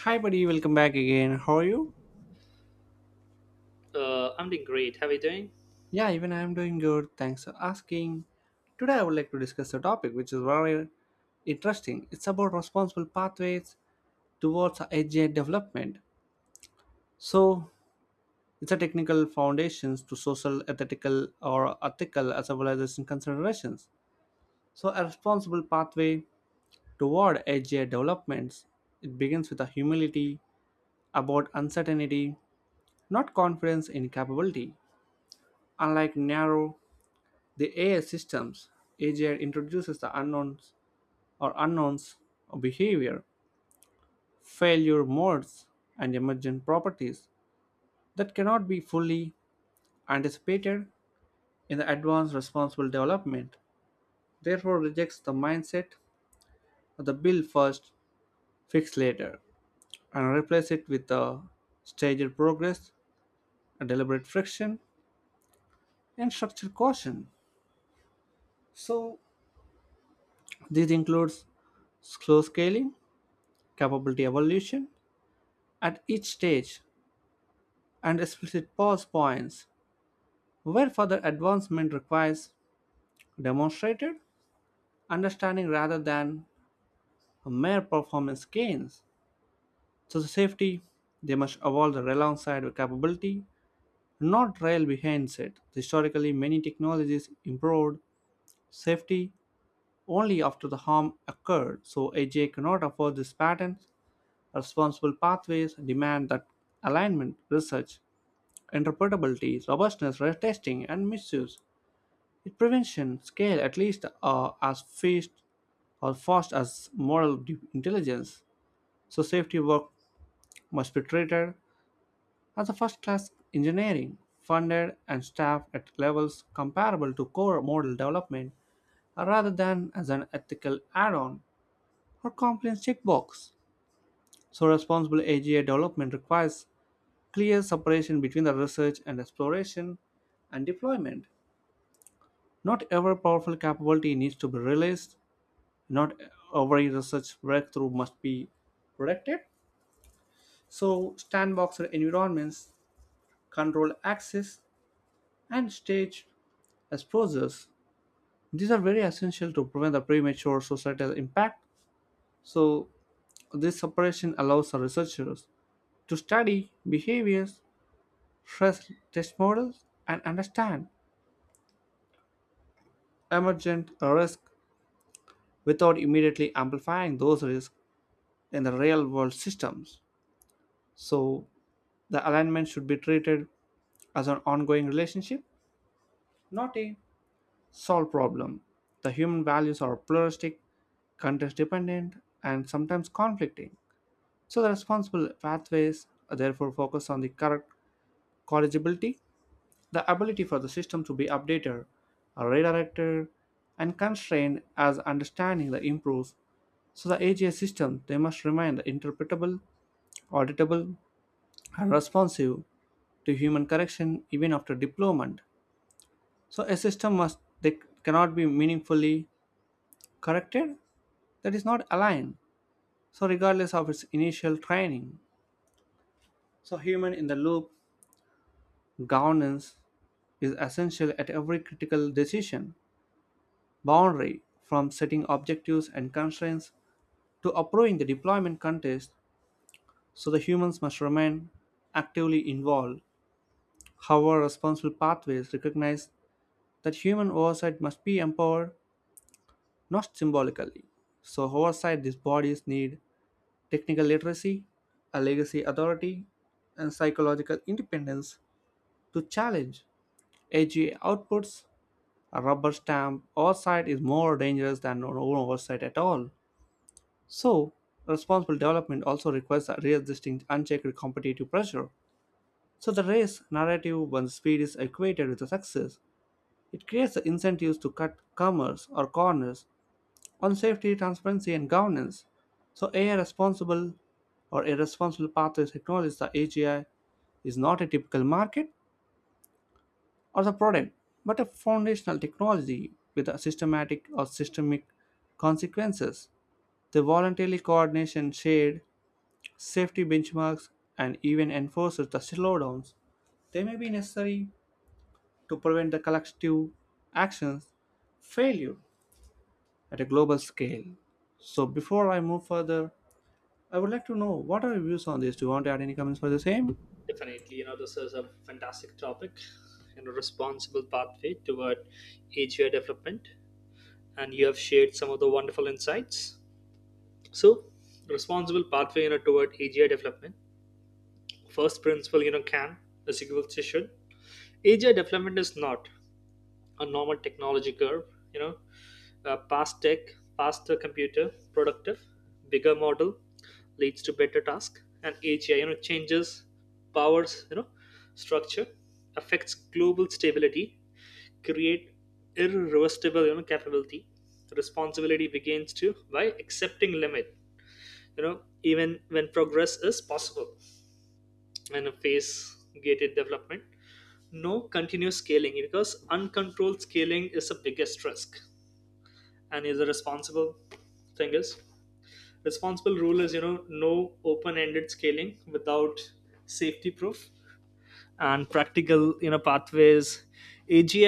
Hi, buddy, welcome back again. How are you? I'm doing great. How are you doing? Yeah, even I am doing good. Thanks for asking. Today, I would like to discuss a topic which is very interesting. It's about responsible pathways towards AGI development. So, it's a technical foundations to social, ethical, or ethical as well as in considerations. So, a responsible pathway toward AGI developments it begins with a humility about uncertainty, not confidence in capability. Unlike narrow the AI systems agent introduces the unknowns or unknowns of behavior, failure modes, and emergent properties that cannot be fully anticipated in the advanced responsible development. Therefore, rejects the mindset of the build first, fix later, and replace it with the staged progress, a deliberate friction, and structured caution. So, this includes slow scaling, capability evolution at each stage and explicit pause points, where further advancement requires demonstrated understanding rather than mere performance gains. So, the safety, they must evolve the rail alongside with capability, not rail behind it. Historically, many technologies improved safety only after the harm occurred, so AJ cannot afford this pattern. Responsible pathways demand that alignment, research, interpretability, robustness, testing, and misuse its prevention scale at least as fast or fast as moral intelligence. So safety work must be treated as a first-class engineering, funded and staffed at levels comparable to core model development, rather than as an ethical add-on or compliance checkbox. So responsible AGI development requires clear separation between the research and exploration and deployment. Not every powerful capability needs to be released. Not every research breakthrough must be protected. So, sandboxed environments, control access, and stage exposures. These are very essential to prevent the premature societal impact. So, this separation allows the researchers to study behaviors, stress test models, and understand emergent risk without immediately amplifying those risks in the real world systems. So, the alignment should be treated as an ongoing relationship, not a solved problem. The human values are pluralistic, context dependent, and sometimes conflicting. So, the responsible pathways are therefore focus on the correct corrigibility, the ability for the system to be updated, redirected, and constrained as understanding that improves. So, the AGI system they must remain interpretable, auditable, and responsive to human correction even after deployment. So a system must that cannot be meaningfully corrected that is not aligned. So regardless of its initial training, so human in the loop governance is essential at every critical decision boundary from setting objectives and constraints to approving the deployment context. So the humans must remain actively involved. However, responsible pathways recognize that human oversight must be empowered not symbolically. So oversight these bodies need technical literacy, a legacy authority, and psychological independence to challenge AGA outputs. A rubber stamp oversight is more dangerous than no oversight at all. So, responsible development also requires a resisting unchecked competitive pressure. So, the race narrative, when speed is equated with the success, it creates the incentives to cut commerce or corners on safety, transparency, and governance. So, AI responsible or irresponsible pathways acknowledge the AGI is not a typical market or the product, but a foundational technology with a systematic or systemic consequences. The voluntary coordination shared safety benchmarks and even enforces the slowdowns. They may be necessary to prevent the collective actions failure at a global scale. So before I move further, I would like to know what are your views on this? Do you want to add any comments for the same? Definitely, this is a fantastic topic. Responsible pathway toward AGI development. And you have shared some of the wonderful insights. So, responsible pathway, toward AGI development. First principle, can is equal to should. AGI development is not a normal technology curve. You know, Fast tech, faster computer, productive, bigger model leads to better task, and AGI, changes powers, structure, affects global stability, create irreversible, capability. Responsibility begins to by accepting limit, even when progress is possible, and a phase gated development, no continuous scaling, because uncontrolled scaling is the biggest risk. And is a responsible thing is responsible rule is, no open-ended scaling without safety proof and practical, pathways. AGI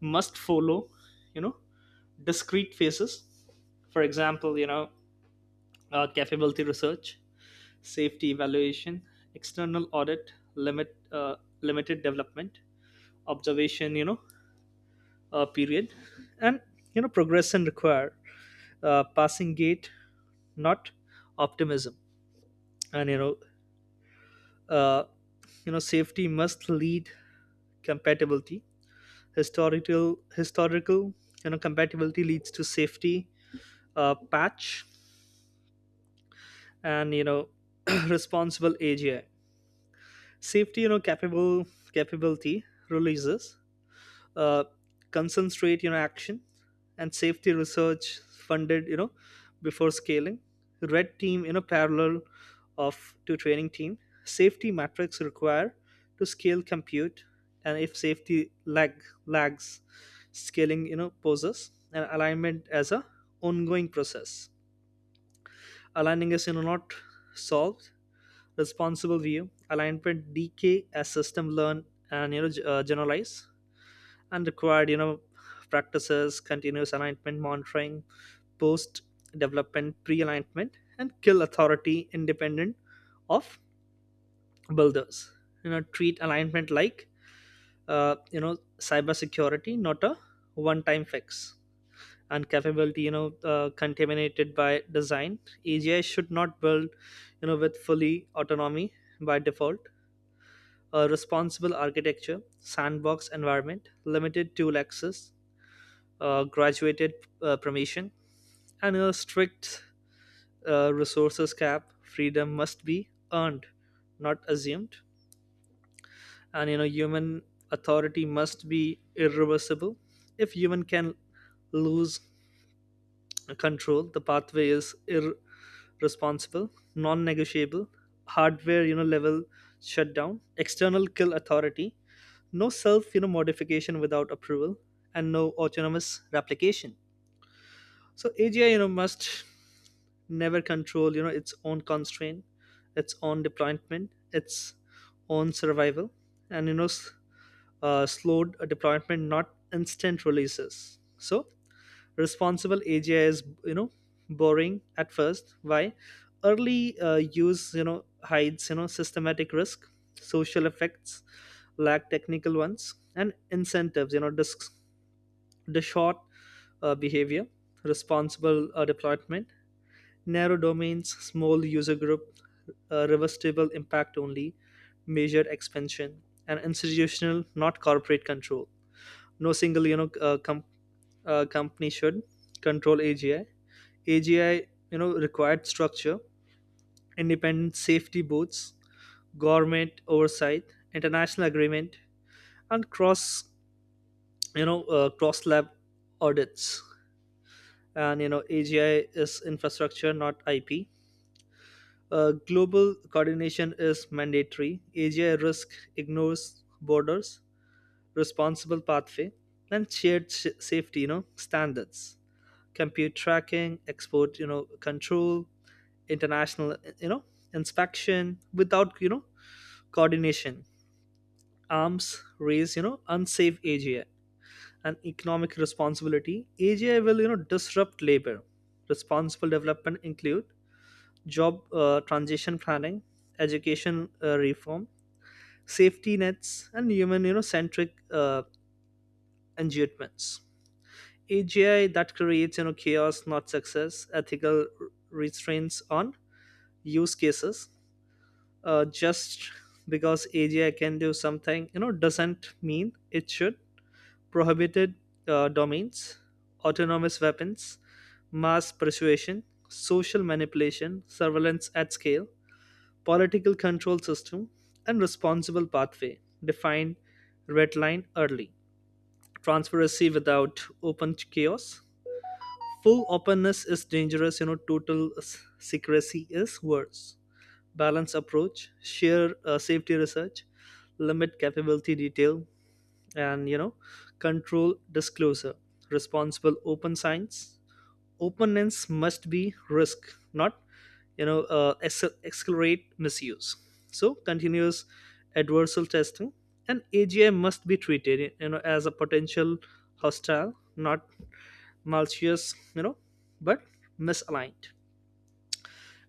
must follow, you know discrete phases. For example, capability research, safety evaluation, external audit, limited development, observation, period. And progression require, passing gate, not optimism. And Uh, safety must lead compatibility. Historical, compatibility leads to safety patch. And responsible AGI. Safety, you know, capable capability releases, uh, concentrate your action, and safety research funded before scaling, red team in a parallel of to training team, safety metrics required to scale compute. And if safety lag lags scaling, poses and alignment as a ongoing process. Aligning is not solved. Responsible view alignment decay as system learn and generalize, and required practices continuous alignment monitoring, post development pre-alignment, and kill authority independent of builders. Treat alignment like cybersecurity, not a one-time fix. And capability contaminated by design. AGI should not build with fully autonomy by default. A responsible architecture, sandbox environment, limited tool access, graduated promotion, and a strict resources cap. Freedom must be earned, not assumed. And human authority must be irreversible. If human can lose control, the pathway is irresponsible, non-negotiable. Hardware, level shutdown, external kill authority, no self, modification without approval, and no autonomous replication. So AGI, must never control, its own constraint, its own deployment, its own survival, and slowed deployment, not instant releases. So responsible AGI is, boring at first. Why? Early use, hides, systematic risk, social effects, lack technical ones, and incentives, disc the short behavior, responsible deployment, narrow domains, small user group, reversible impact only, measured expansion, and institutional, not corporate control. No single company should control AGI. AGI required structure, independent safety boards, government oversight, international agreement, and cross lab audits. And AGI is infrastructure, not IP. Global coordination is mandatory. AGI risk ignores borders, responsible pathway, and shared safety, standards, compute tracking, export, control, international, inspection. Without coordination, arms raise, unsafe AGI and economic responsibility. AGI will disrupt labor. Responsible development include job transition planning, education reform, safety nets, and human centric engagements. AGI that creates chaos, not success. Ethical restraints on use cases. Just because AGI can do something, doesn't mean it should. Prohibited domains, autonomous weapons, mass persuasion, social manipulation, surveillance at scale, political control system, and responsible pathway. Define red line early. Transparency without open chaos. Full openness is dangerous, total secrecy is worse. Balance approach, share safety research, limit capability detail, and control disclosure, responsible open science. Openness must be risk, not accelerate misuse. So continuous adversarial testing, and AGI must be treated as a potential hostile, not malicious, but misaligned.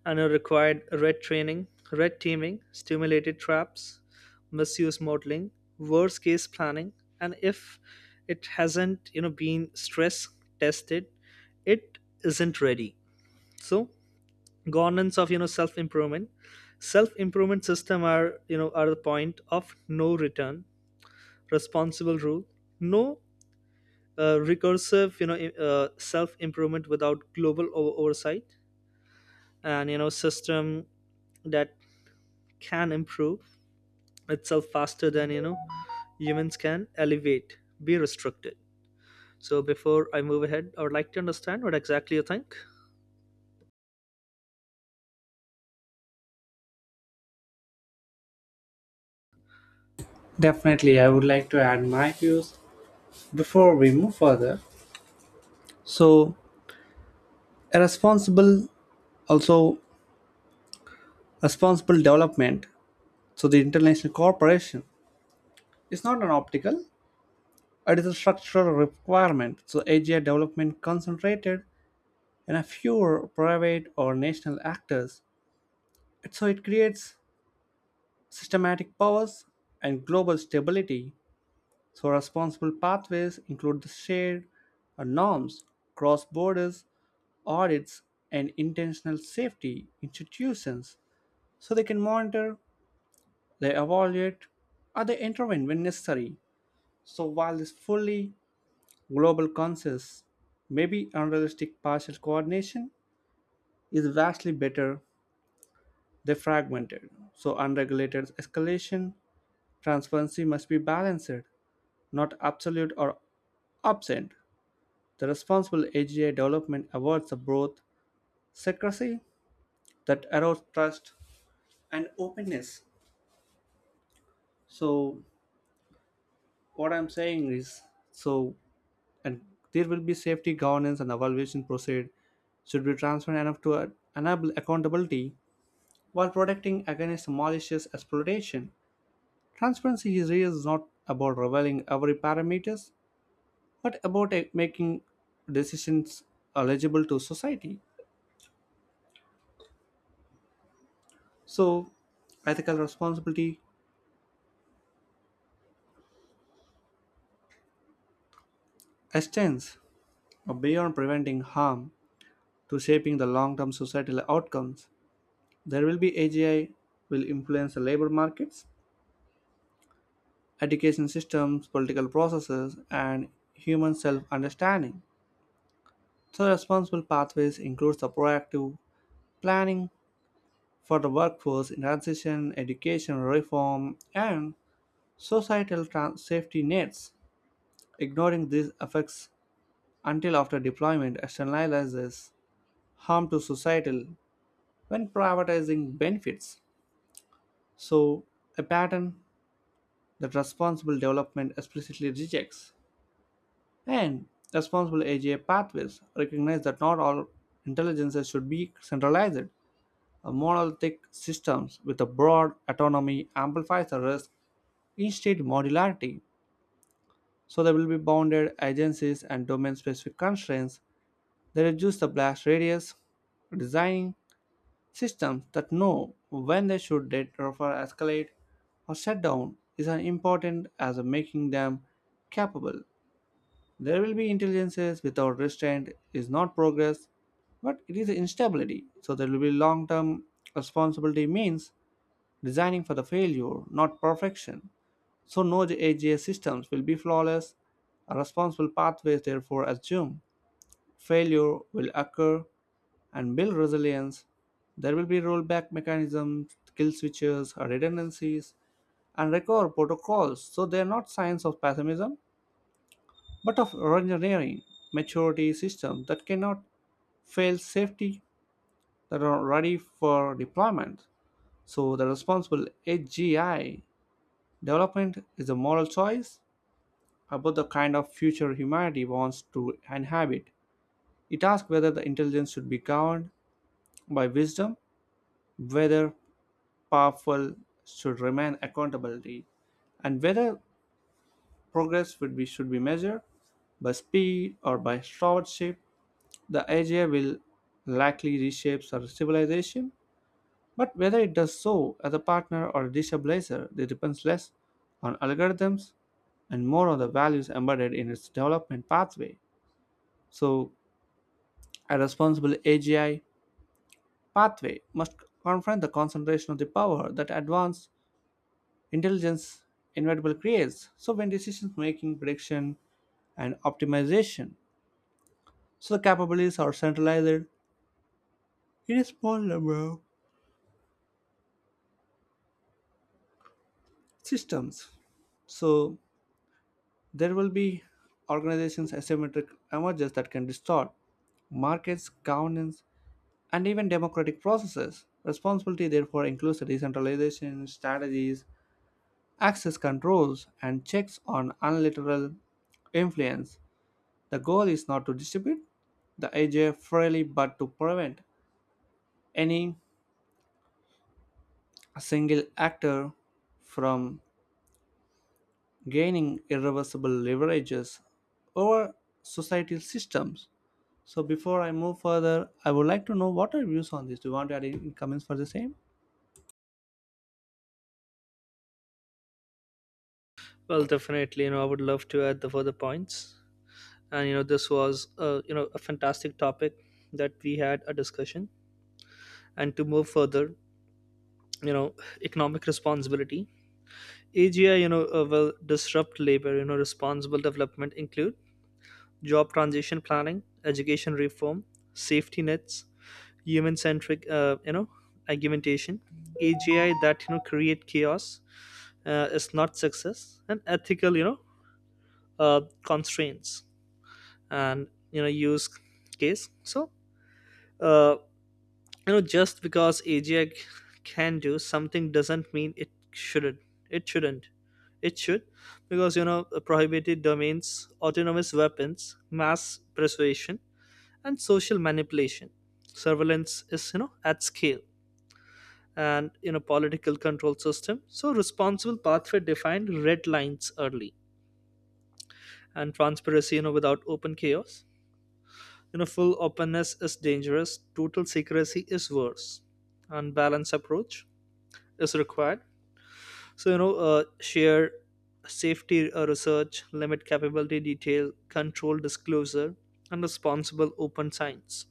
And are required red teaming, stimulated traps, misuse modeling, worst case planning. And if it hasn't been stress tested, it isn't ready. So governance of, self improvement system are, are the point of no return. Responsible rule, no recursive, self improvement without global oversight. And system that can improve itself faster than humans can elevate be restricted. So before I move ahead, I would like to understand what exactly you think. Definitely, I would like to add my views before we move further. So, a also responsible development. So, the international cooperation is not an optical; it is a structural requirement. So, AGI development concentrated in a fewer private or national actors. So, it creates systematic powers and global stability. So responsible pathways include the shared norms, cross borders audits, and intentional safety institutions so they can monitor, they evaluate, or they intervene when necessary. So while this fully global consensus may be unrealistic partial coordination is vastly better than fragmented. So unregulated escalation, transparency must be balanced, not absolute or absent. The Responsible AGI Development Awards are both secrecy that allows trust and openness. So, what I'm saying is, so and there will be safety governance and evaluation procedure should be transparent enough to enable accountability while protecting against malicious exploitation. Transparency is really is not about revealing every parameters, but about making decisions eligible to society. So, ethical responsibility extends beyond preventing harm to shaping the long-term societal outcomes. There will be AGI will influence the labor markets, education systems, political processes, and human self-understanding. So responsible pathways includes the proactive planning for the workforce in transition, education reform, and societal safety nets. Ignoring these effects until after deployment externalizes harm to societal when privatizing benefits. So, a pattern that responsible development explicitly rejects. And responsible AGI pathways recognize that not all intelligences should be centralized. A monolithic systems with a broad autonomy amplifies the risk instead modularity. So there will be bounded agencies and domain-specific constraints that reduce the blast radius, designing systems that know when they should defer, escalate, or shut down is as important as making them capable. There will be intelligences without restraint is not progress, but it is instability. So there will be long-term responsibility means designing for the failure, not perfection. So no AGI systems will be flawless. Responsible pathways therefore assume failure will occur and build resilience. There will be rollback mechanisms, kill switches, redundancies, and recover protocols. So they are not signs of pessimism, but of engineering maturity systems that cannot fail safety that are ready for deployment. So the responsible AGI development is a moral choice about the kind of future humanity wants to inhabit. It asks whether the intelligence should be governed by wisdom, whether powerful should remain accountability and whether progress would be should be measured by speed or by stewardship. The idea will likely reshape our civilization, but whether it does so as a partner or a destabilizer it depends less on algorithms and more on the values embedded in its development pathway. So a responsible AGI pathway must confront the concentration of the power that advances intelligence inevitable creates. So when decision making, prediction, and optimization, so the capabilities are centralized in a small number of systems. So there will be organizations asymmetric emerges that can distort markets, governance, and even democratic processes. Responsibility therefore includes the decentralization strategies, access controls, and checks on unilateral influence. The goal is not to distribute the AJ freely but to prevent any single actor from gaining irreversible leverages over societal systems. So before I move further, I would like to know what are your views on this. Do you want to add any comments for the same? Well, definitely, I would love to add the further points. And this was a fantastic topic that we had a discussion. And to move further, you know economic responsibility. AGI will disrupt labor. Responsible development include job transition planning, education reform, safety nets, human centric, argumentation. AGI that create chaos, is not success. And ethical, constraints, and use case. So uh, just because AGI can do something doesn't mean it shouldn't it shouldn't it should, because prohibited domains, autonomous weapons, mass persuasion, and social manipulation, surveillance is, at scale, and, political control system. So responsible pathway defined red lines early. And transparency, without open chaos. Full openness is dangerous, total secrecy is worse. Unbalanced approach is required. So, share safety research, limit capability detail, control disclosure, and responsible open science.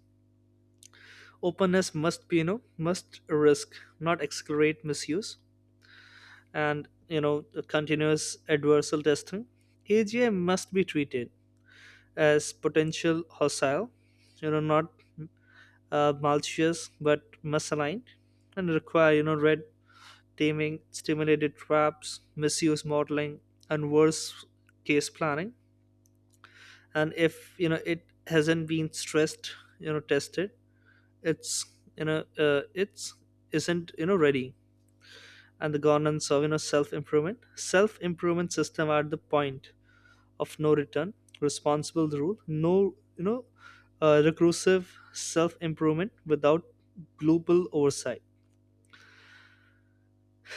Openness must be, must risk, not accelerate misuse, and, the continuous adversarial testing. AGI must be treated as potential hostile, not malicious but misaligned, and require, red taming, stimulated traps, misuse modeling, and worst case planning. And if it hasn't been stressed, tested, it's you know, it's isn't ready. And the governance of, self improvement system, at the point of no return, responsible rule, no, reclusive self improvement without global oversight.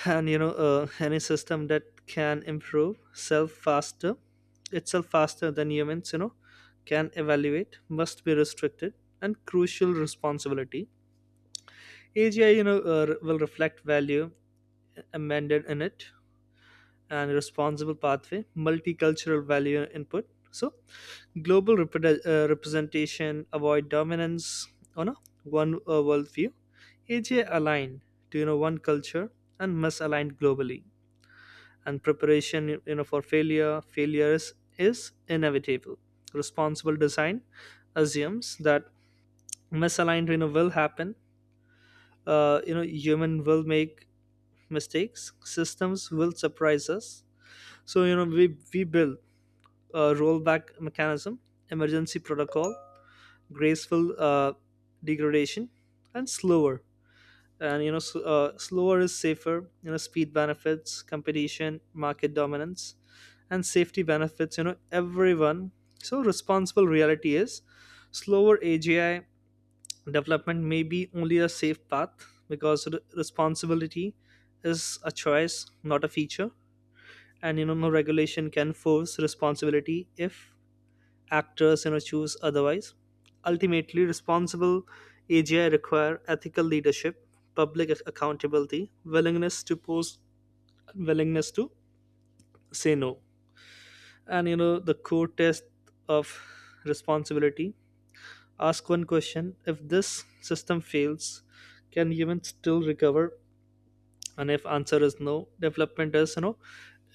And any system that can improve self faster itself faster than humans, can evaluate, must be restricted. And crucial responsibility, AGI, will reflect value amended in it. And responsible pathway, multicultural value input. So global representation avoid dominance on a one, worldview. AJ aligned to, one culture, and must align globally. And preparation, for failures is inevitable. Responsible design assumes that misaligned, will happen. Human will make mistakes, systems will surprise us. So we build a rollback mechanism, emergency protocol, graceful uh, degradation, and slower. And you know s slower is safer. Speed benefits competition, market dominance, and safety benefits, everyone. So responsible reality is slower AGI development may be only a safe path. Because responsibility is a choice, not a feature. And no regulation can force responsibility if actors, choose otherwise. Ultimately, responsible AGI require ethical leadership, public accountability, willingness to say no. And the core test of responsibility ask one question: if this system fails, can humans still recover? And if answer is no, development is,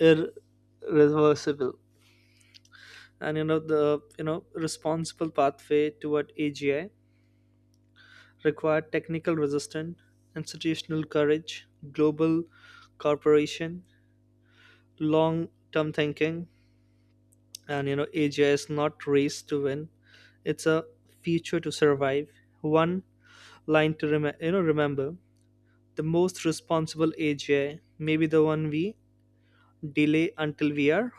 irreversible. And you know the you know responsible pathway toward AGI required technical resistance, institutional courage, global cooperation, long-term thinking. And AGI is not race to win; it's a feature to survive. One line to remember: the most responsible AGI may be the one we delay until we are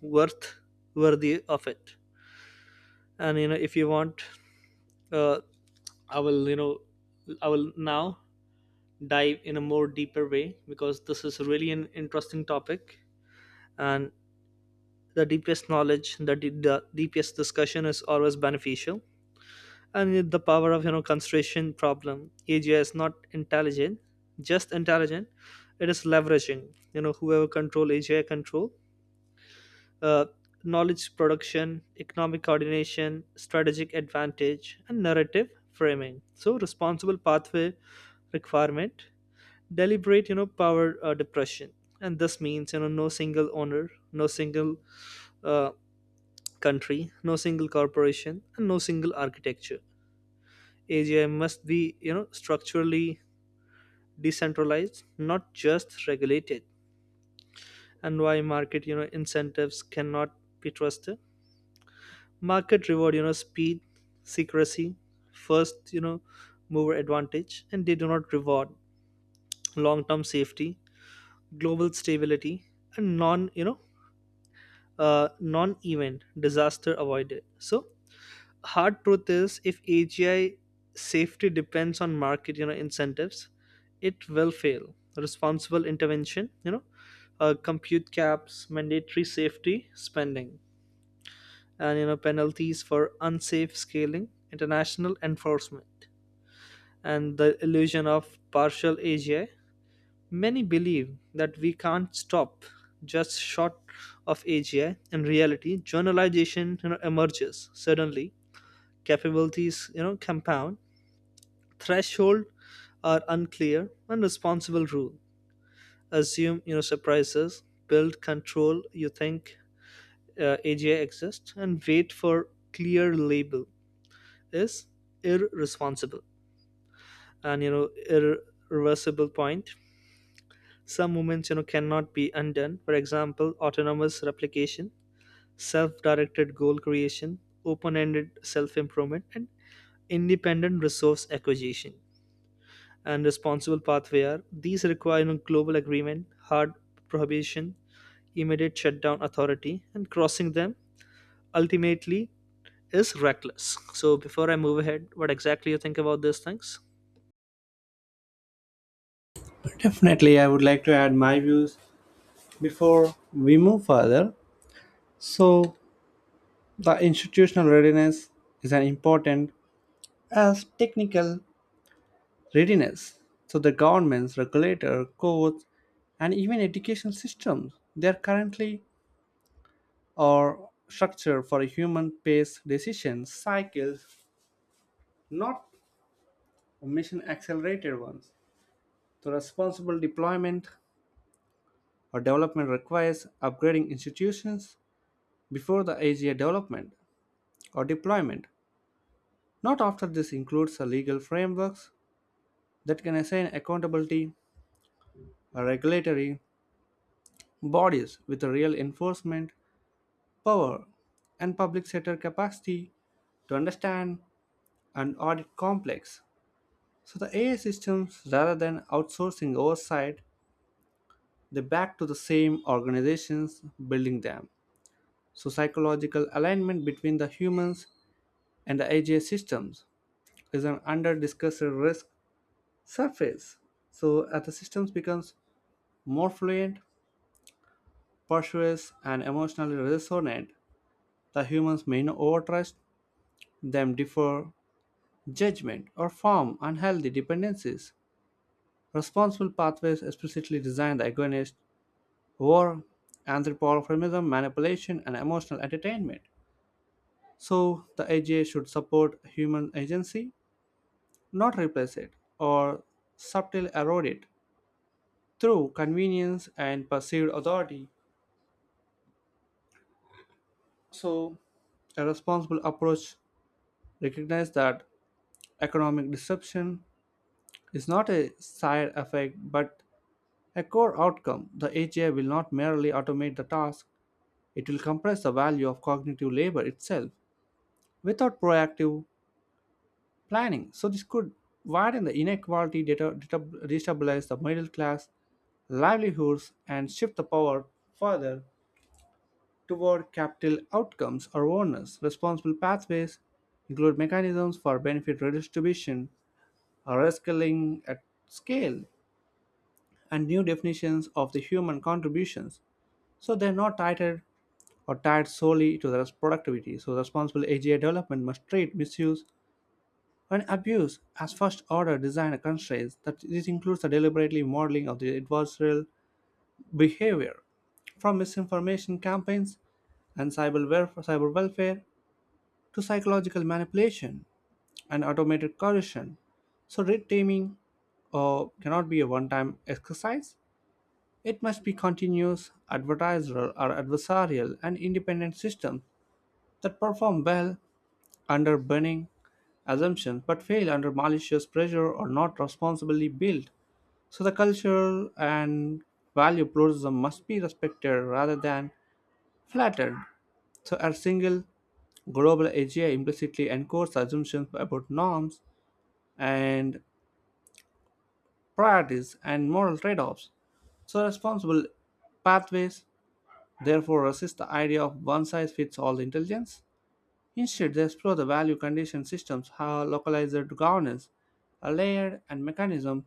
worth worthy of it. And if you want, uh, I will, I will now dive in a more deeper way, because this is really an interesting topic. And the deepest knowledge, the the deepest discussion, is always beneficial. And the power of, concentration problem, AGI is not intelligent, just intelligent, it is leveraging. Whoever control AGI control, uh, knowledge production, economic coordination, strategic advantage, and narrative framing. So responsible pathway requirement deliberate, power depression. And this means, no single owner, no single, uh, country, no single corporation, and no single architecture. AGI must be, structurally decentralized, not just regulated. And why market, incentives cannot be trusted. Market reward, speed, secrecy, first, mover advantage, and they do not reward long term safety, global stability, and non, non-event disaster avoided. So hard truth is, if AGI safety depends on market, incentives, it will fail. Responsible intervention, compute caps, mandatory safety spending, and, penalties for unsafe scaling, international enforcement, and the illusion of partial AGI. Many believe that we can't stop just short of AGI. In reality, generalization, emerges suddenly. Capabilities, compound. Threshold are unclear and responsible rule. Assume, surprises. Build control. You think AGI exists and wait for clear label is irresponsible. And, irreversible point, some movements, cannot be undone. For example, autonomous replication, self-directed goal creation, open-ended self-improvement, and independent resource acquisition. And responsible pathway are these require, global agreement, hard prohibition, immediate shutdown authority, and crossing them ultimately is reckless. So before I move ahead, what exactly you think about these things? Definitely, I would like to add my views before we move further. So the institutional readiness is an important as technical readiness. So the governments, regulator, courts, and even education systems, they are currently or structured for human paced decision cycles, not mission-accelerated ones. So responsible deployment or development requires upgrading institutions before the AGI development or deployment. Not after this includes a legal frameworks that can assign accountability or regulatory bodies with a real enforcement power, and public sector capacity to understand and audit complex. So the AI systems, rather than outsourcing oversight, they back to the same organizations building them. So psychological alignment between the humans and the AI systems is an under-discussed risk surface. So as the systems becomes more fluent, persuasive, and emotionally resonant, the humans may not overtrust them differ judgment, or form unhealthy dependencies. Responsible pathways explicitly design the agonist war, anthropomorphism, manipulation, and emotional entertainment. So, the AGA should support human agency, not replace it or subtly erode it through convenience and perceived authority. So, a responsible approach recognizes that economic disruption is not a side effect but a core outcome. The AGI will not merely automate the task, it will compress the value of cognitive labor itself without proactive planning. So, this could widen the inequality, data, destabilize the middle class livelihoods, and shift the power further toward capital outcomes or owners. Responsible pathways include mechanisms for benefit redistribution or upscaling at scale and new definitions of the human contributions so they're not titled or tied solely to their productivity. So, responsible AGI development must treat misuse and abuse as first order design constraints. That this includes the deliberately modeling of the adversarial behavior from misinformation campaigns and cyber welfare to psychological manipulation and automated coercion. So, red teaming cannot be a one time exercise. It must be continuous, advertiser or adversarial, and independent systems that perform well under burning assumptions but fail under malicious pressure or not responsibly built. So the culture and value pluralism must be respected rather than flattered. So a single global AGI implicitly encodes assumptions about norms and priorities and moral trade-offs. So responsible pathways therefore resist the idea of one size fits all intelligence. Instead, they explore the value conditioned systems, how localized governance, a layered and mechanism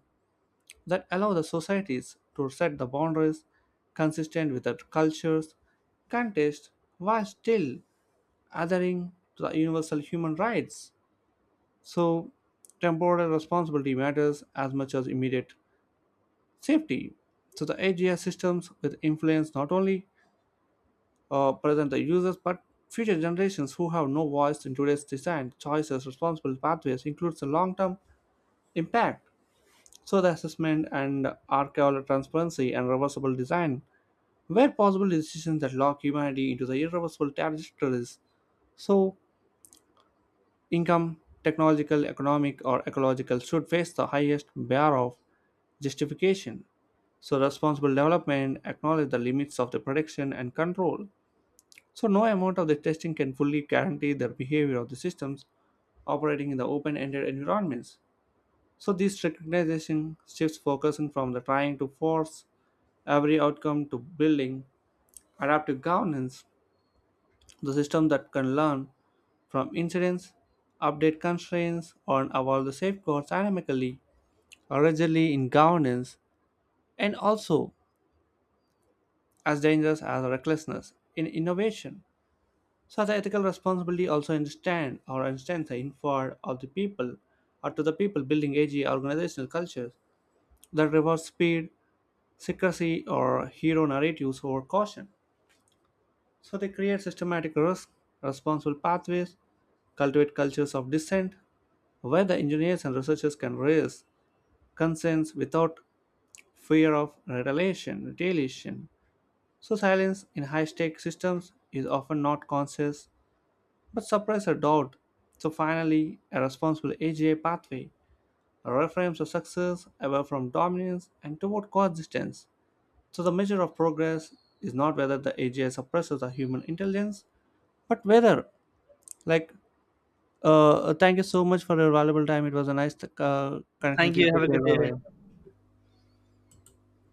that allow the societies to set the boundaries consistent with their cultures, context, while still adhering to the universal human rights. So, temporal responsibility matters as much as immediate safety. So, the AGI systems with influence not only present the users, but future generations who have no voice in today's design choices, responsible pathways includes the long-term impact. So the assessment and archival transparency and reversible design where possible decisions that lock humanity into the irreversible trajectories. So income, technological, economic, or ecological should face the highest bar of justification. So responsible development acknowledge the limits of the prediction and control. So, no amount of the testing can fully guarantee the behavior of the systems operating in the open ended environments. So, this recognition shifts focusing from the trying to force every outcome to building adaptive governance, the system that can learn from incidents, update constraints, or evolve the safeguards dynamically or rigidly in governance, and also as dangerous as recklessness in innovation. Such ethical responsibility also extends the inward of the people or to the people building AG organizational cultures that rewards speed, secrecy, or hero narratives over caution. So they create systematic risk, responsible pathways, cultivate cultures of dissent, where the engineers and researchers can raise concerns without fear of retaliation. So silence in high-stake systems is often not conscious but surprise a doubt. So finally, a responsible AGI pathway reframes the success away from dominance and toward coexistence. So the measure of progress is not whether the AGI suppresses the human intelligence, but whether, like, thank you so much for your valuable time. It was a nice connecting Thank with you. you, have Take a care. good day. Bye bye.